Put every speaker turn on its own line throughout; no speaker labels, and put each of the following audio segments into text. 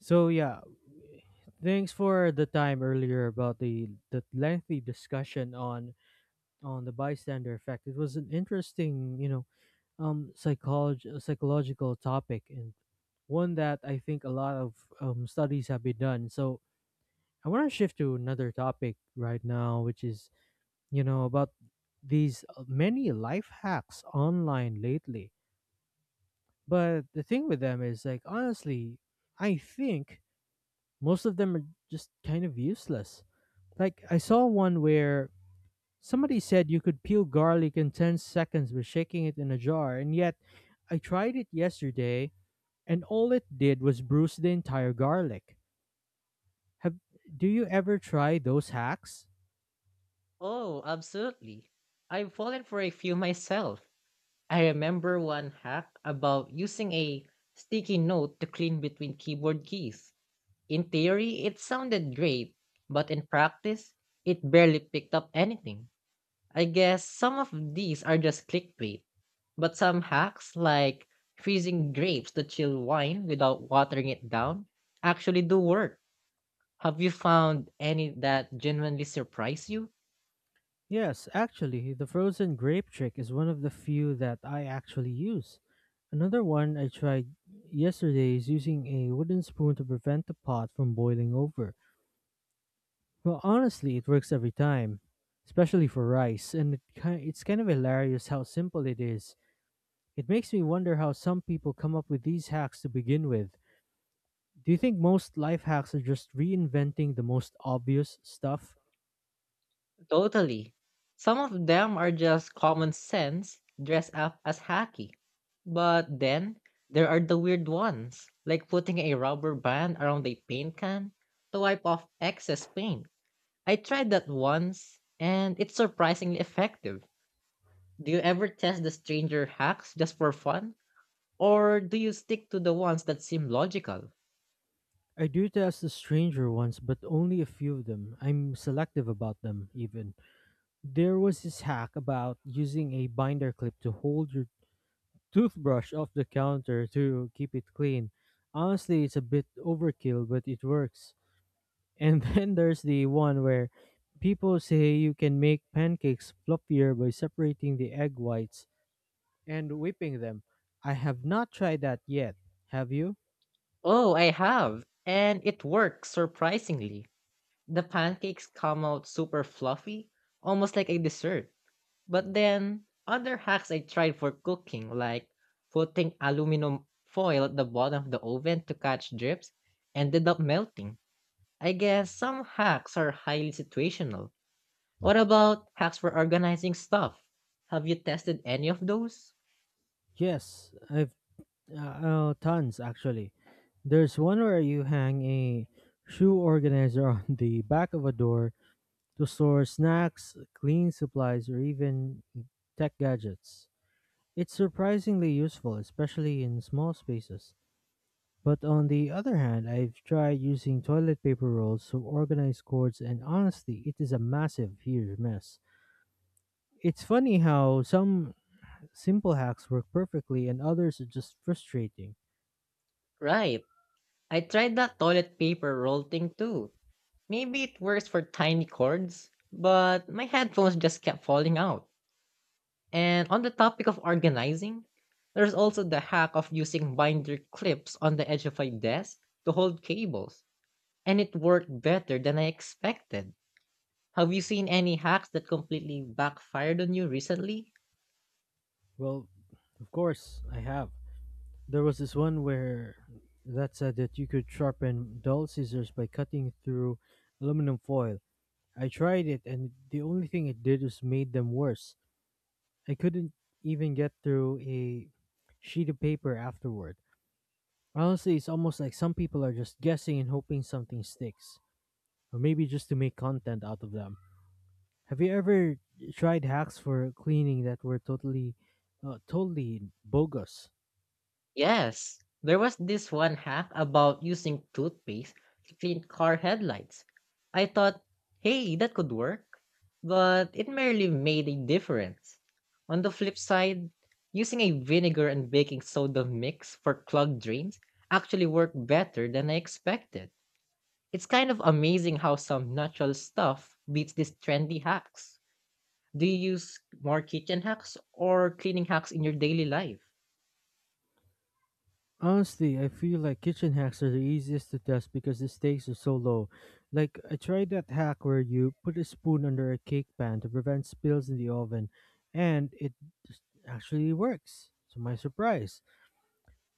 So yeah, thanks for the time earlier about the lengthy discussion on the bystander effect. It was an interesting. Um psycholog- psychological topic and one that I think a lot of studies have been done. So I want to shift to another topic right now, which is about these many life hacks online lately. But the thing with them is like honestly, I think most of them are just kind of useless. Like I saw one where somebody said you could peel garlic in 10 seconds by shaking it in a jar, and yet I tried it yesterday and all it did was bruise the entire garlic. Have Do you ever try those hacks?
Oh, absolutely. I've fallen for a few myself. I remember one hack about using a sticky note to clean between keyboard keys. In theory, it sounded great, but in practice, it barely picked up anything. I guess some of these are just clickbait, but some hacks, like freezing grapes to chill wine without watering it down, actually do work. Have you found any that genuinely surprise you?
Yes, actually, the frozen grape trick is one of the few that I actually use. Another one I tried yesterday is using a wooden spoon to prevent the pot from boiling over. Well, honestly, it works every time, especially for rice, and it's kind of hilarious how simple it is. It makes me wonder how some people come up with these hacks to begin with. Do you think most life hacks are just reinventing the most obvious stuff?
Totally. Some of them are just common sense dressed up as hacky. But then there are the weird ones, like putting a rubber band around a paint can to wipe off excess paint. I tried that once and it's surprisingly effective. Do you ever test the stranger hacks just for fun? Or do you stick to the ones that seem logical?
I do test the stranger ones, but only a few of them. I'm selective about them, even. There was this hack about using a binder clip to hold your toothbrush off the counter to keep it clean. Honestly, it's a bit overkill, but it works. And then there's the one where people say you can make pancakes fluffier by separating the egg whites and whipping them. I have not tried that yet. Have you?
Oh, I have, and it works surprisingly. The pancakes come out super fluffy, almost like a dessert. But then, other hacks I tried for cooking, like putting aluminum foil at the bottom of the oven to catch drips, ended up melting. I guess some hacks are highly situational. What about hacks for organizing stuff? Have you tested any of those?
Yes, I've tons actually. There's one where you hang a shoe organizer on the back of a door to store snacks, cleaning supplies, or even tech gadgets. It's surprisingly useful, especially in small spaces. But on the other hand, I've tried using toilet paper rolls to organize cords, and honestly, it is a massive, huge mess. It's funny how some simple hacks work perfectly and others are just frustrating.
Right. I tried that toilet paper roll thing too. Maybe it works for tiny cords, but my headphones just kept falling out. And on the topic of organizing, there's also the hack of using binder clips on the edge of a desk to hold cables, and it worked better than I expected. Have you seen any hacks that completely backfired on you recently?
Well, of course, I have. There was this one where that said that you could sharpen dull scissors by cutting through aluminum foil. I tried it, and the only thing it did was made them worse. I couldn't even get through a sheet of paper afterward. Honestly, it's almost like some people are just guessing and hoping something sticks, or maybe just to make content out of them. Have you ever tried hacks for cleaning that were totally bogus?
Yes, there was this one hack about using toothpaste to clean car headlights. I thought, hey, that could work, but it merely made a difference. On the flip side, using a vinegar and baking soda mix for clogged drains actually worked better than I expected. It's kind of amazing how some natural stuff beats these trendy hacks. Do you use more kitchen hacks or cleaning hacks in your daily life?
Honestly, I feel like kitchen hacks are the easiest to test because the stakes are so low. Like, I tried that hack where you put a spoon under a cake pan to prevent spills in the oven, and it just actually works, to my surprise.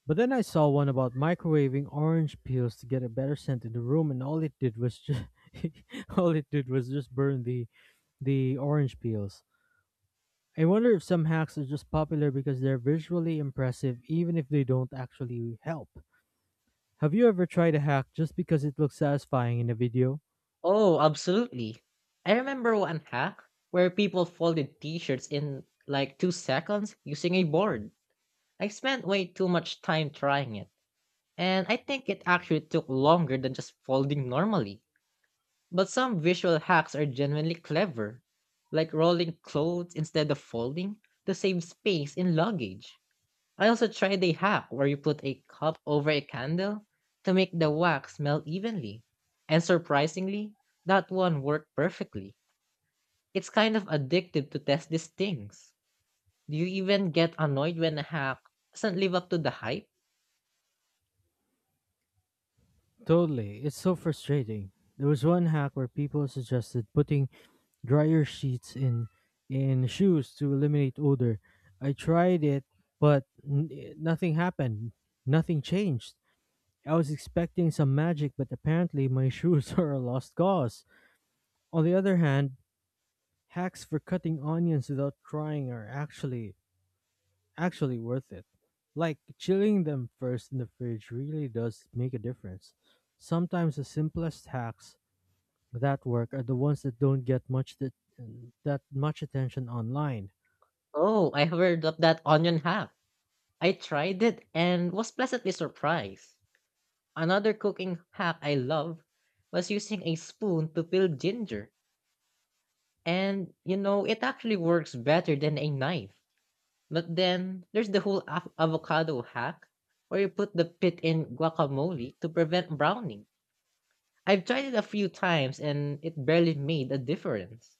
But then I saw one about microwaving orange peels to get a better scent in the room, and all it did was just all it did was just burn the orange peels. I wonder if some hacks are just popular because they're visually impressive, even if they don't actually help. Have you ever tried a hack just because it looks satisfying in a video?
Oh, absolutely. I remember one hack where people folded t-shirts in like 2 seconds using a board. I spent way too much time trying it, and I think it actually took longer than just folding normally. But some visual hacks are genuinely clever, like rolling clothes instead of folding to save space in luggage. I also tried a hack where you put a cup over a candle to make the wax melt evenly. And surprisingly, that one worked perfectly. It's kind of addictive to test these things. Do you even get annoyed when a hack doesn't live up to the hype?
Totally, it's so frustrating. There was one hack where people suggested putting dryer sheets in shoes to eliminate odor. I tried it, but nothing happened. Nothing changed. I was expecting some magic, but apparently my shoes are a lost cause. On the other hand, hacks for cutting onions without trying are actually worth it. Like chilling them first in the fridge really does make a difference. Sometimes the simplest hacks that work are the ones that don't get much that much attention online.
Oh, I heard of that onion hack. I tried it and was pleasantly surprised. Another cooking hack I love was using a spoon to peel ginger. And, you know, it actually works better than a knife. But then there's the whole avocado hack where you put the pit in guacamole to prevent browning. I've tried it a few times and it barely made a difference.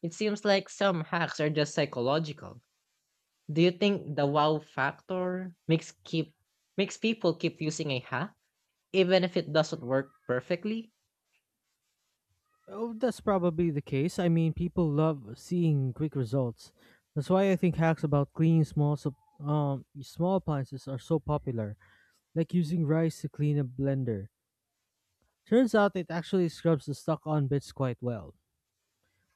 It seems like some hacks are just psychological. Do you think the wow factor makes people keep using a hack even if it doesn't work perfectly?
Oh, that's probably the case. I mean, people love seeing quick results. That's why I think hacks about cleaning small appliances are so popular, like using rice to clean a blender. Turns out it actually scrubs the stuck-on bits quite well.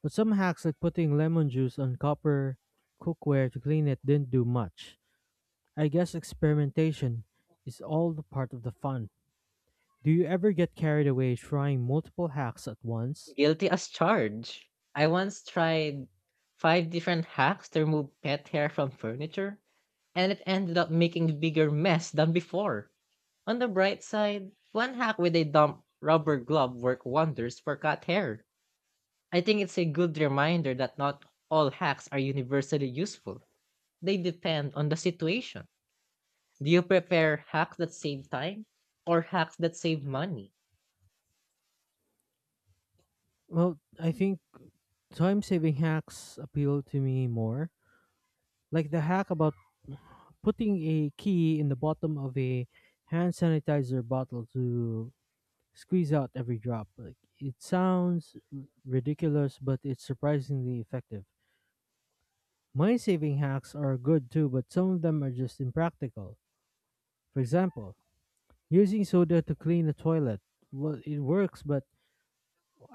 But some hacks like putting lemon juice on copper cookware to clean it didn't do much. I guess experimentation is all the part of the fun. Do you ever get carried away trying multiple hacks at once?
Guilty as charged. I once tried five different hacks to remove pet hair from furniture and it ended up making a bigger mess than before. On the bright side, one hack with a damp rubber glove worked wonders for cat hair. I think it's a good reminder that not all hacks are universally useful. They depend on the situation. Do you prefer hacks that save time or hacks that save money?
Well, I think time saving hacks appeal to me more, like the hack about putting a key in the bottom of a hand sanitizer bottle to squeeze out every drop. Like it sounds ridiculous, but it's surprisingly effective. Money saving hacks are good too, but some of them are just impractical. For example, using soda to clean the toilet. Well, it works, but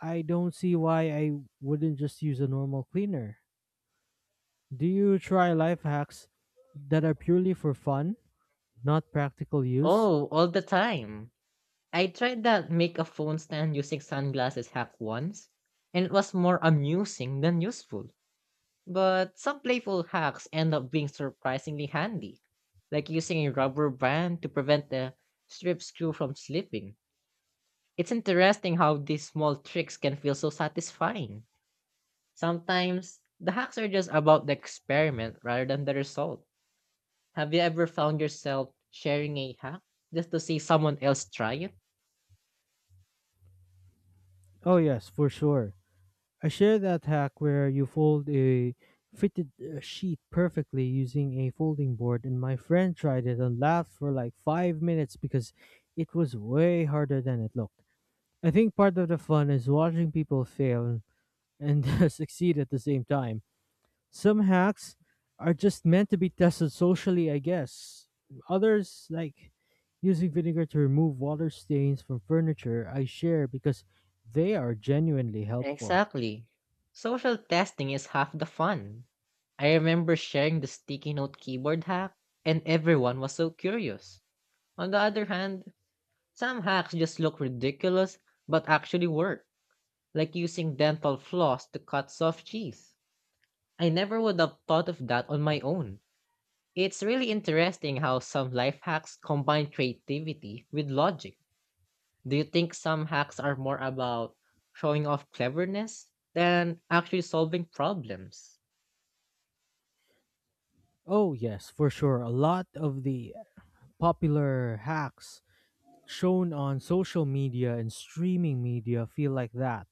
I don't see why I wouldn't just use a normal cleaner. Do you try life hacks that are purely for fun, not practical use?
Oh, all the time. I tried that make a phone stand using sunglasses hack once, and it was more amusing than useful. But some playful hacks end up being surprisingly handy, like using a rubber band to prevent the strip screw from slipping. It's interesting how these small tricks can feel so satisfying. Sometimes the hacks are just about the experiment rather than the result. Have you ever found yourself sharing a hack just to see someone else try it?
Oh, yes, for sure. I share that hack where you fold a fitted sheet perfectly using a folding board, and my friend tried it and laughed for like 5 minutes because it was way harder than it looked. I think part of the fun is watching people fail and succeed at the same time. Some hacks are just meant to be tested socially, I guess. Others, like using vinegar to remove water stains from furniture, I share because they are genuinely helpful.
Exactly. Social testing is half the fun. I remember sharing the sticky note keyboard hack, and everyone was so curious. On the other hand, some hacks just look ridiculous but actually work, like using dental floss to cut soft cheese. I never would have thought of that on my own. It's really interesting how some life hacks combine creativity with logic. Do you think some hacks are more about showing off cleverness than actually solving problems?
Oh, yes, for sure. A lot of the popular hacks shown on social media and streaming media feel like that.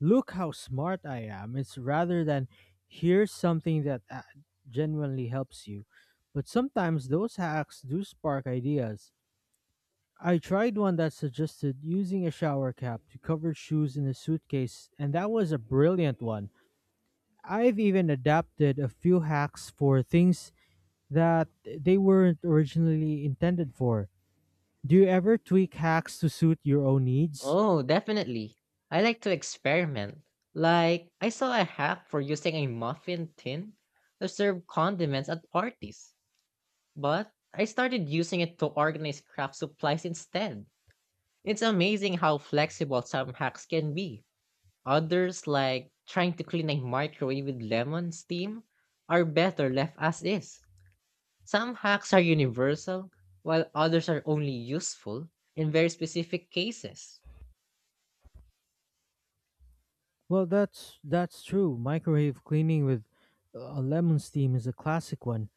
Look how smart I am. It's rather than here's something that genuinely helps you. But sometimes those hacks do spark ideas. I tried one that suggested using a shower cap to cover shoes in a suitcase, and that was a brilliant one. I've even adapted a few hacks for things that they weren't originally intended for. Do you ever tweak hacks to suit your own needs?
Oh, definitely. I like to experiment. Like, I saw a hack for using a muffin tin to serve condiments at parties, but I started using it to organize craft supplies instead. It's amazing how flexible some hacks can be. Others, like trying to clean a microwave with lemon steam, are better left as is. Some hacks are universal, while others are only useful in very specific cases.
Well, that's true. Microwave cleaning with lemon steam is a classic one.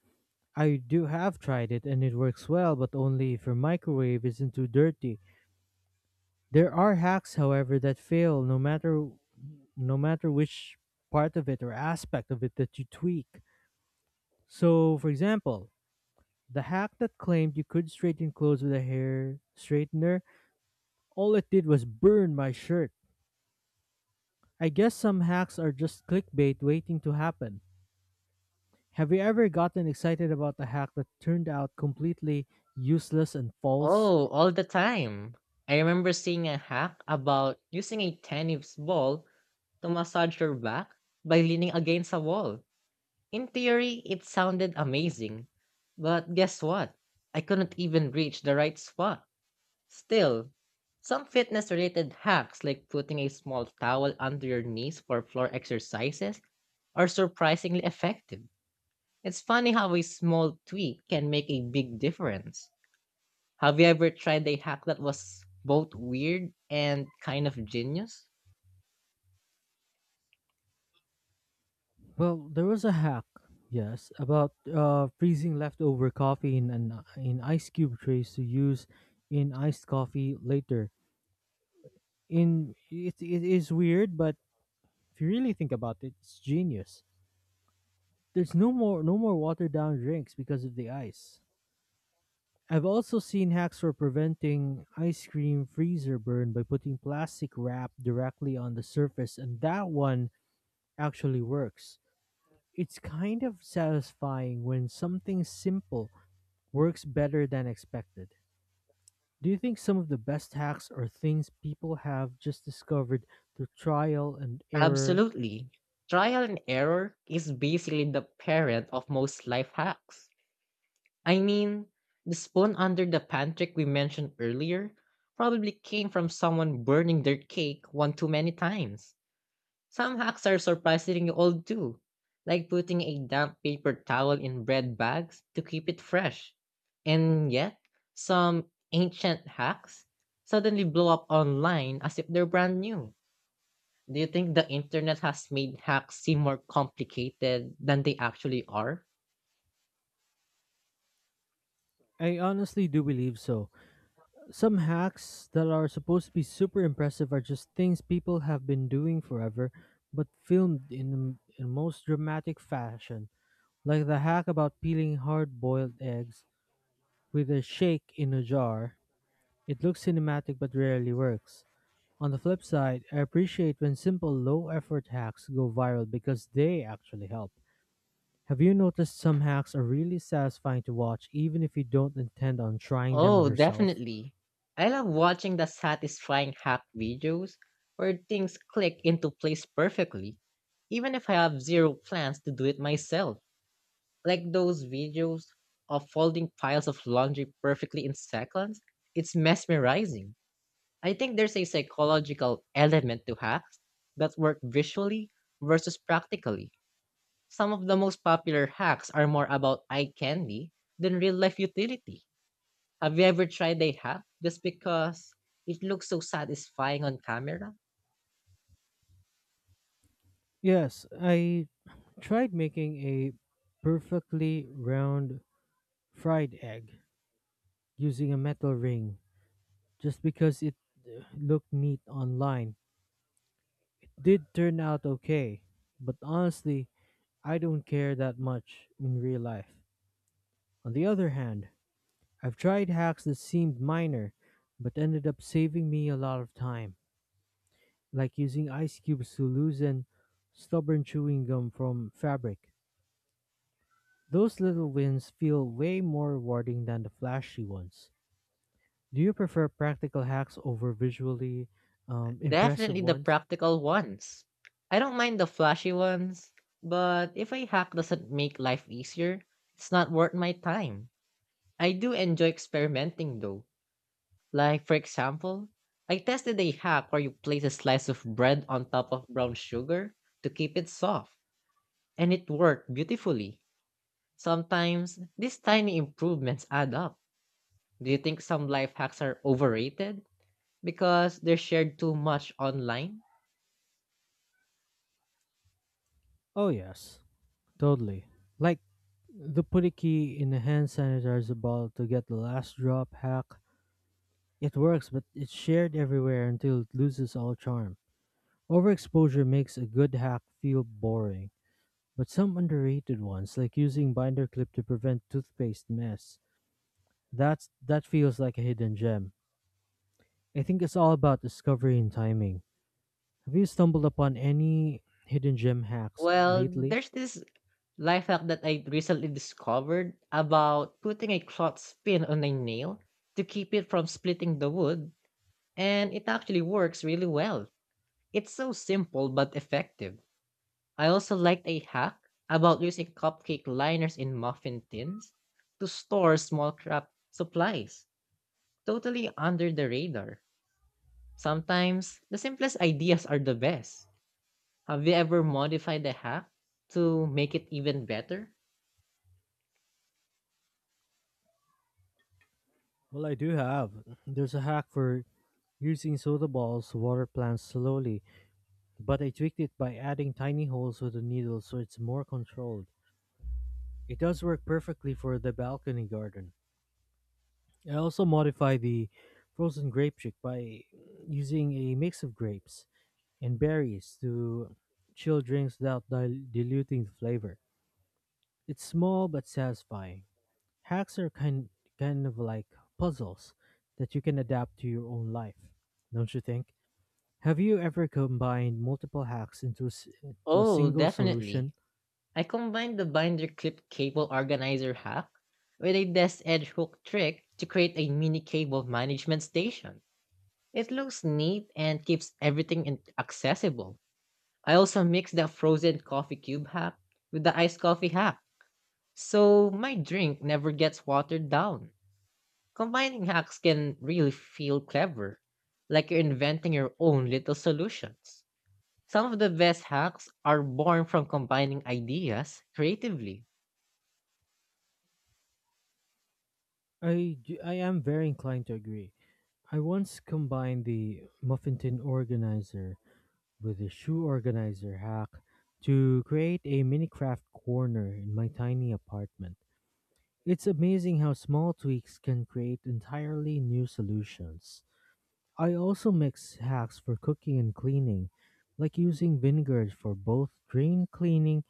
I do have tried it and it works well, but only if your microwave isn't too dirty. There are hacks, however, that fail no matter which part of it or aspect of it that you tweak. So, for example, the hack that claimed you could straighten clothes with a hair straightener, all it did was burn my shirt. I guess some hacks are just clickbait waiting to happen. Have you ever gotten excited about a hack that turned out completely useless and false?
Oh, all the time. I remember seeing a hack about using a tennis ball to massage your back by leaning against a wall. In theory, it sounded amazing. But guess what? I couldn't even reach the right spot. Still, some fitness related hacks like putting a small towel under your knees for floor exercises are surprisingly effective. It's funny how a small tweak can make a big difference. Have you ever tried a hack that was both weird and kind of genius?
Well, there was a hack, yes, about freezing leftover coffee in ice cube trays to use in iced coffee later. It is weird, but if you really think about it, it's genius. There's no more watered down drinks because of the ice. I've also seen hacks for preventing ice cream freezer burn by putting plastic wrap directly on the surface, and that one actually works. It's kind of satisfying when something simple works better than expected. Do you think some of the best hacks are things people have just discovered through trial and error?
Absolutely. Trial and error is basically the parent of most life hacks. I mean, the spoon under the pantry we mentioned earlier probably came from someone burning their cake one too many times. Some hacks are surprisingly old too, like putting a damp paper towel in bread bags to keep it fresh. And yet, some ancient hacks suddenly blow up online as if they're brand new. Do you think the internet has made hacks seem more complicated than they actually are?
I honestly do believe so. Some hacks that are supposed to be super impressive are just things people have been doing forever, but filmed in the in most dramatic fashion. Like the hack about peeling hard boiled eggs with a shake in a jar. It looks cinematic but rarely works. On the flip side, I appreciate when simple, low effort hacks go viral because they actually help. Have you noticed some hacks are really satisfying to watch even if you don't intend on trying them
Oh,
yourself?
definitely. I love watching the satisfying hack videos where things click into place perfectly, even if I have zero plans to do it myself. Like those videos of folding piles of laundry perfectly in seconds, it's mesmerizing. I think there's a psychological element to hacks that work visually versus practically. Some of the most popular hacks are more about eye candy than real life utility. Have you ever tried a hack just because it looks so satisfying on camera?
Yes, I tried making a perfectly round fried egg using a metal ring just because it looked neat online. It did turn out okay, but honestly, I don't care that much in real life. On the other hand, I've tried hacks that seemed minor but ended up saving me a lot of time, like using ice cubes to loosen stubborn chewing gum from fabric. Those little wins feel way more rewarding than the flashy ones. Do you prefer practical hacks over visually impressive
Definitely the
ones?
practical ones. I don't mind the flashy ones, but if a hack doesn't make life easier, it's not worth my time. I do enjoy experimenting though. Like, for example, I tested a hack where you place a slice of bread on top of brown sugar to keep it soft, and it worked beautifully. Sometimes these tiny improvements add up. Do you think some life hacks are overrated because they're shared too much online?
Oh, yes, totally. Like the putty key in the hand sanitizer bottle to get the last drop hack. It works, but it's shared everywhere until it loses all charm. Overexposure makes a good hack feel boring, but some underrated ones, like using binder clip to prevent toothpaste mess, that feels like a hidden gem. I think it's all about discovery and timing. Have you stumbled upon any hidden gem hacks
Well,
lately?
there's this Life hack that I recently discovered about putting a cloth spin on a nail to keep it from splitting the wood, and it actually works really well. It's so simple but effective. I also liked a hack about using cupcake liners in muffin tins to store small craft supplies, totally under the radar. Sometimes the simplest ideas are the best. Have you ever modified a hack to make it even better?
Well, I do have. There's a hack for using soda balls to water plants slowly, but I tweaked it by adding tiny holes with the needle so it's more controlled. It does work perfectly for the balcony garden. I also modify the frozen grape trick by using a mix of grapes and berries to chill drinks without diluting the flavor. It's small but satisfying. Hacks are kind of like puzzles that you can adapt to your own life, don't you think? Have you ever combined multiple hacks into into a
Oh,
single
definitely.
solution?
I combined the binder clip cable organizer hack with a desk edge hook trick to create a mini cable management station. It looks neat and keeps everything accessible. I also mixed the frozen coffee cube hack with the iced coffee hack, so my drink never gets watered down. Combining hacks can really feel clever, like you're inventing your own little solutions. Some of the best hacks are born from combining ideas creatively.
I am very inclined to agree. I once combined the muffin tin organizer with the shoe organizer hack to create a mini craft corner in my tiny apartment. It's amazing how small tweaks can create entirely new solutions. I also mix hacks for cooking and cleaning, like using vinegar for both drain cleaning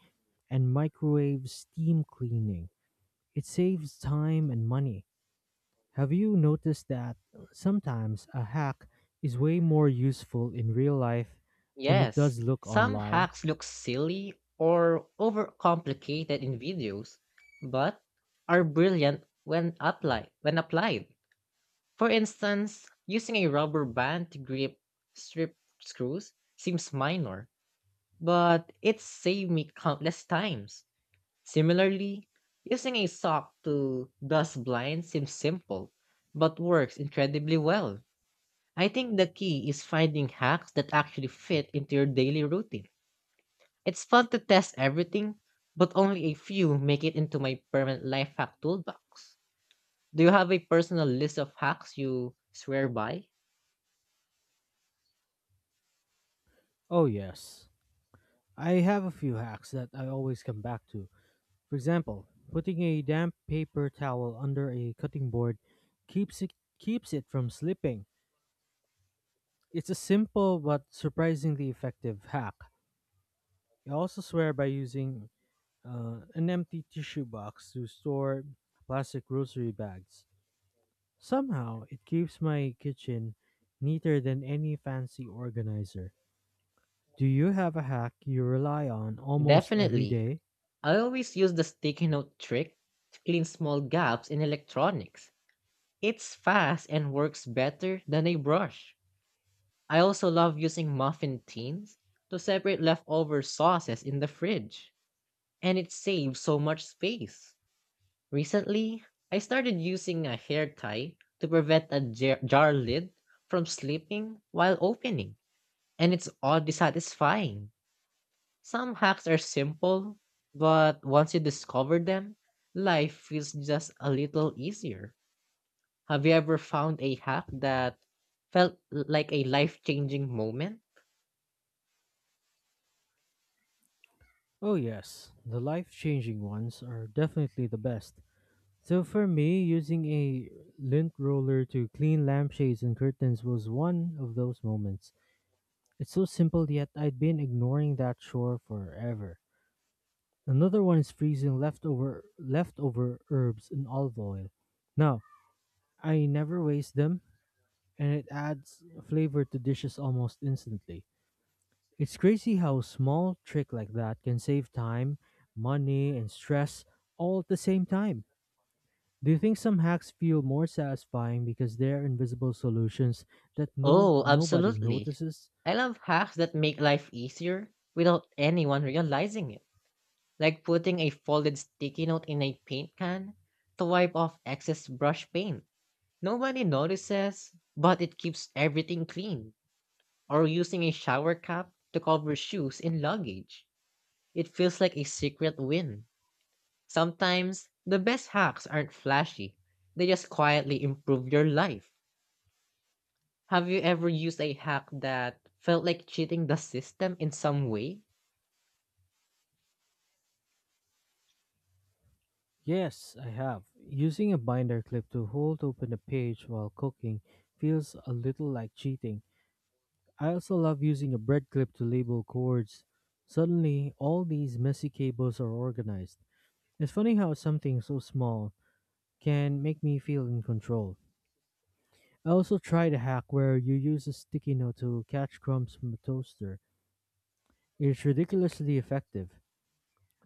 and microwave steam cleaning. It saves time and money. Have you noticed that sometimes a hack is way more useful in real life than it
Yes,
does look
some
online?
hacks look silly or overcomplicated in videos, but are brilliant when applied. When applied, for instance, using a rubber band to grip strip screws seems minor, but it saved me countless times. Similarly, using a sock to dust blinds seems simple, but works incredibly well. I think the key is finding hacks that actually fit into your daily routine. It's fun to test everything, but only a few make it into my permanent life hack toolbox. Do you have a personal list of hacks you swear by?
Oh, yes. I have a few hacks that I always come back to. For example, putting a damp paper towel under a cutting board keeps it keeps it from slipping. It's a simple but surprisingly effective hack. I also swear by using an empty tissue box to store plastic grocery bags. Somehow, it keeps my kitchen neater than any fancy organizer. Do you have a hack you rely on almost every
Definitely.
day?
I always use the sticky note trick to clean small gaps in electronics. It's fast and works better than a brush. I also love using muffin tins to separate leftover sauces in the fridge, and it saves so much space. Recently, I started using a hair tie to prevent a jar lid from slipping while opening, and it's oddly satisfying. Some hacks are simple, but once you discover them, life feels just a little easier. Have you ever found a hack that felt like a life changing moment?
Oh, yes, the life changing ones are definitely the best. So, for me, using a lint roller to clean lampshades and curtains was one of those moments. It's so simple, yet I'd been ignoring that chore forever. Another one is freezing leftover herbs in olive oil. Now, I never waste them, and it adds flavor to dishes almost instantly. It's crazy how a small trick like that can save time, money, and stress all at the same time. Do you think some hacks feel more satisfying because they're invisible solutions that no
Oh,
nobody
absolutely.
notices?
I love hacks that make life easier without anyone realizing it, like putting a folded sticky note in a paint can to wipe off excess brush paint. Nobody notices, but it keeps everything clean. Or using a shower cap to cover shoes in luggage. It feels like a secret win. Sometimes, the best hacks aren't flashy, they just quietly improve your life. Have you ever used a hack that felt like cheating the system in some way?
Yes, I have. Using a binder clip to hold open a page while cooking feels a little like cheating. I also love using a bread clip to label cords. Suddenly, all these messy cables are organized. It's funny how something so small can make me feel in control. I also tried a hack where you use a sticky note to catch crumbs from a toaster. It's ridiculously effective.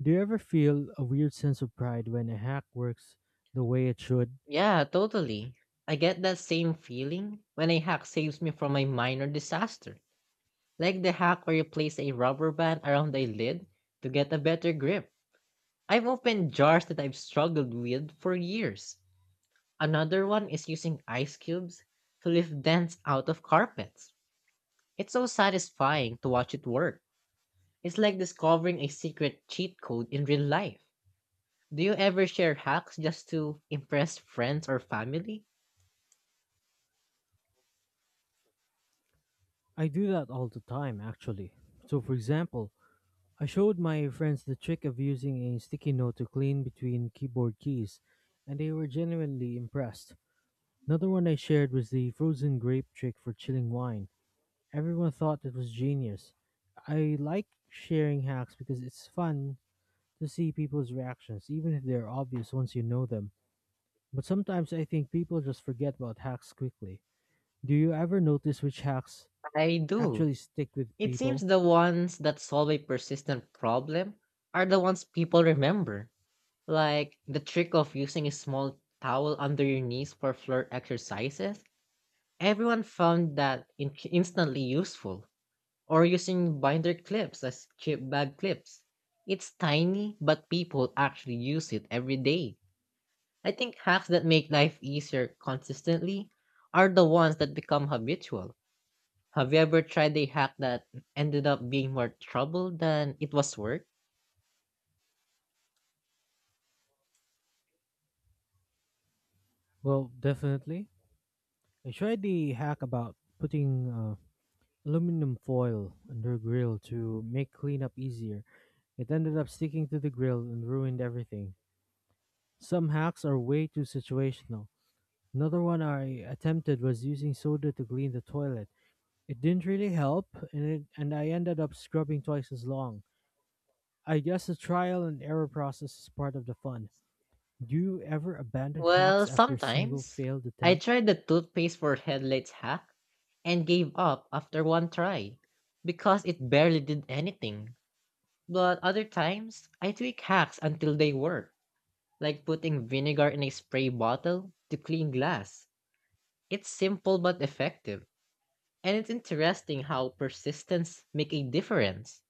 Do you ever feel a weird sense of pride when a hack works the way it should?
Yeah, totally. I get that same feeling when a hack saves me from a minor disaster. Like the hack where you place a rubber band around a lid to get a better grip. I've opened jars that I've struggled with for years. Another one is using ice cubes to lift dents out of carpets. It's so satisfying to watch it work. It's like discovering a secret cheat code in real life. Do you ever share hacks just to impress friends or family?
I do that all the time, actually. So, for example, I showed my friends the trick of using a sticky note to clean between keyboard keys, and they were genuinely impressed. Another one I shared was the frozen grape trick for chilling wine. Everyone thought it was genius. I like sharing hacks because it's fun to see people's reactions, even if they're obvious once you know them. But sometimes I think people just forget about hacks quickly. Do you ever notice which hacks
I do.
actually stick with
It seems
people?
the ones that solve a persistent problem are the ones people remember, like the trick of using a small towel under your knees for floor exercises. Everyone found that instantly useful, or using binder clips as chip bag clips. It's tiny, but people actually use it every day. I think hacks that make life easier consistently are the ones that become habitual. Have you ever tried a hack that ended up being more trouble than it was worth?
Well, definitely. I tried the hack about putting aluminum foil under grill to make cleanup easier. It ended up sticking to the grill and ruined everything. Some hacks are way too situational. Another one I attempted was using soda to clean the toilet. It didn't really help, and I ended up scrubbing twice as long. I guess the trial and error process is part of the fun. Do you ever abandon
Well,
hacks after a single
sometimes.
failed
I
attempt?
tried the toothpaste for headlights hack and gave up after one try because it barely did anything. But other times, I tweak hacks until they work, like putting vinegar in a spray bottle to clean glass. It's simple but effective, and it's interesting how persistence make a difference.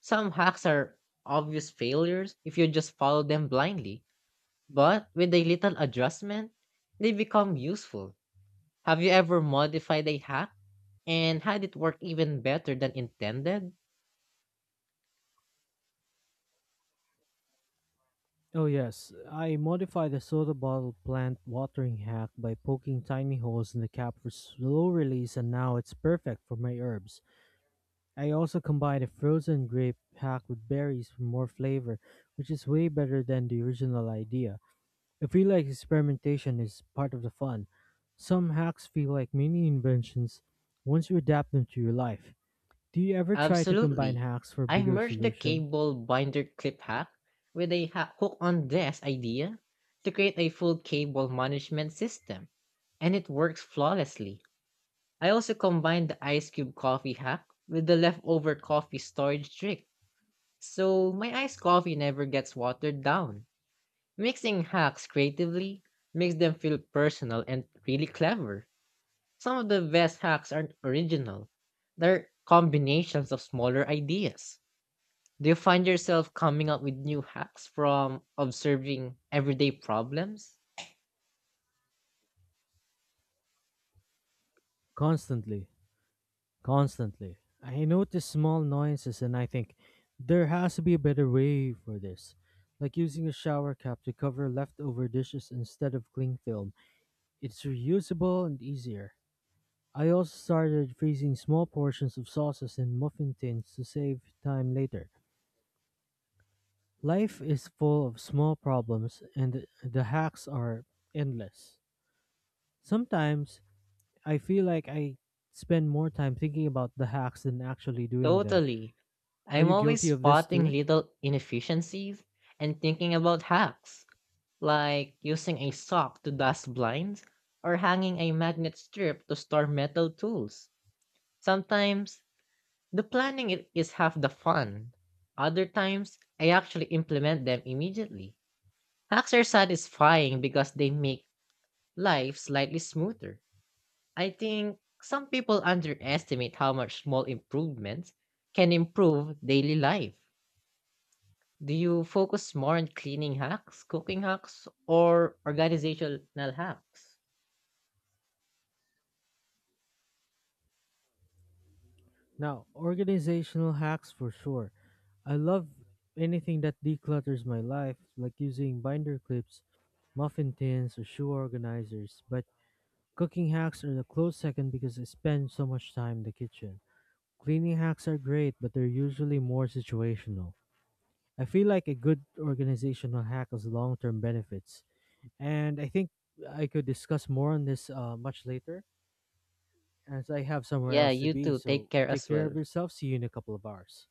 Some hacks are obvious failures if you just follow them blindly, but with a little adjustment, they become useful. Have you ever modified a hack and had it work even better than intended?
Oh, yes. I modified the soda bottle plant watering hack by poking tiny holes in the cap for slow release, and now it's perfect for my herbs. I also combined a frozen grape hack with berries for more flavor, which is way better than the original idea. I feel like experimentation is part of the fun. Some hacks feel like mini inventions once you adapt them to your life. Do you ever try to combine
Absolutely.
hacks for a
I
bigger
merged the
solution?
cable binder clip hack with a hook on desk idea to create a full cable management system, and it works flawlessly. I also combined the ice cube coffee hack with the leftover coffee storage trick, so my iced coffee never gets watered down. Mixing hacks creatively makes them feel personal and really clever. Some of the best hacks aren't original. They're combinations of smaller ideas. Do you find yourself coming up with new hacks from observing everyday problems?
Constantly. Constantly. I notice small noises and I think there has to be a better way for this. Like using a shower cap to cover leftover dishes instead of cling film. It's reusable and easier. I also started freezing small portions of sauces in muffin tins to save time later. Life is full of small problems and the hacks are endless. Sometimes I feel like I spend more time thinking about the hacks than actually doing them.
Totally.
Are
I'm
you
always
guilty of this
spotting
too?
little inefficiencies and thinking about hacks, like using a sock to dust blinds or hanging a magnet strip to store metal tools. Sometimes the planning is half the fun. Other times, I actually implement them immediately. Hacks are satisfying because they make life slightly smoother. I think some people underestimate how much small improvements can improve daily life. Do you focus more on cleaning hacks, cooking hacks, or organizational hacks?
Now, organizational hacks for sure. I love anything that declutters my life, like using binder clips, muffin tins, or shoe organizers. But cooking hacks are a close second because I spend so much time in the kitchen. Cleaning hacks are great, but they're usually more situational. I feel like a good organizational hack has long term benefits. And I think I could discuss more on this much later, as I have somewhere
Yeah,
else to
you
be,
too. Take
so
care
take
as
care
well.
of yourself. See you in a couple of hours.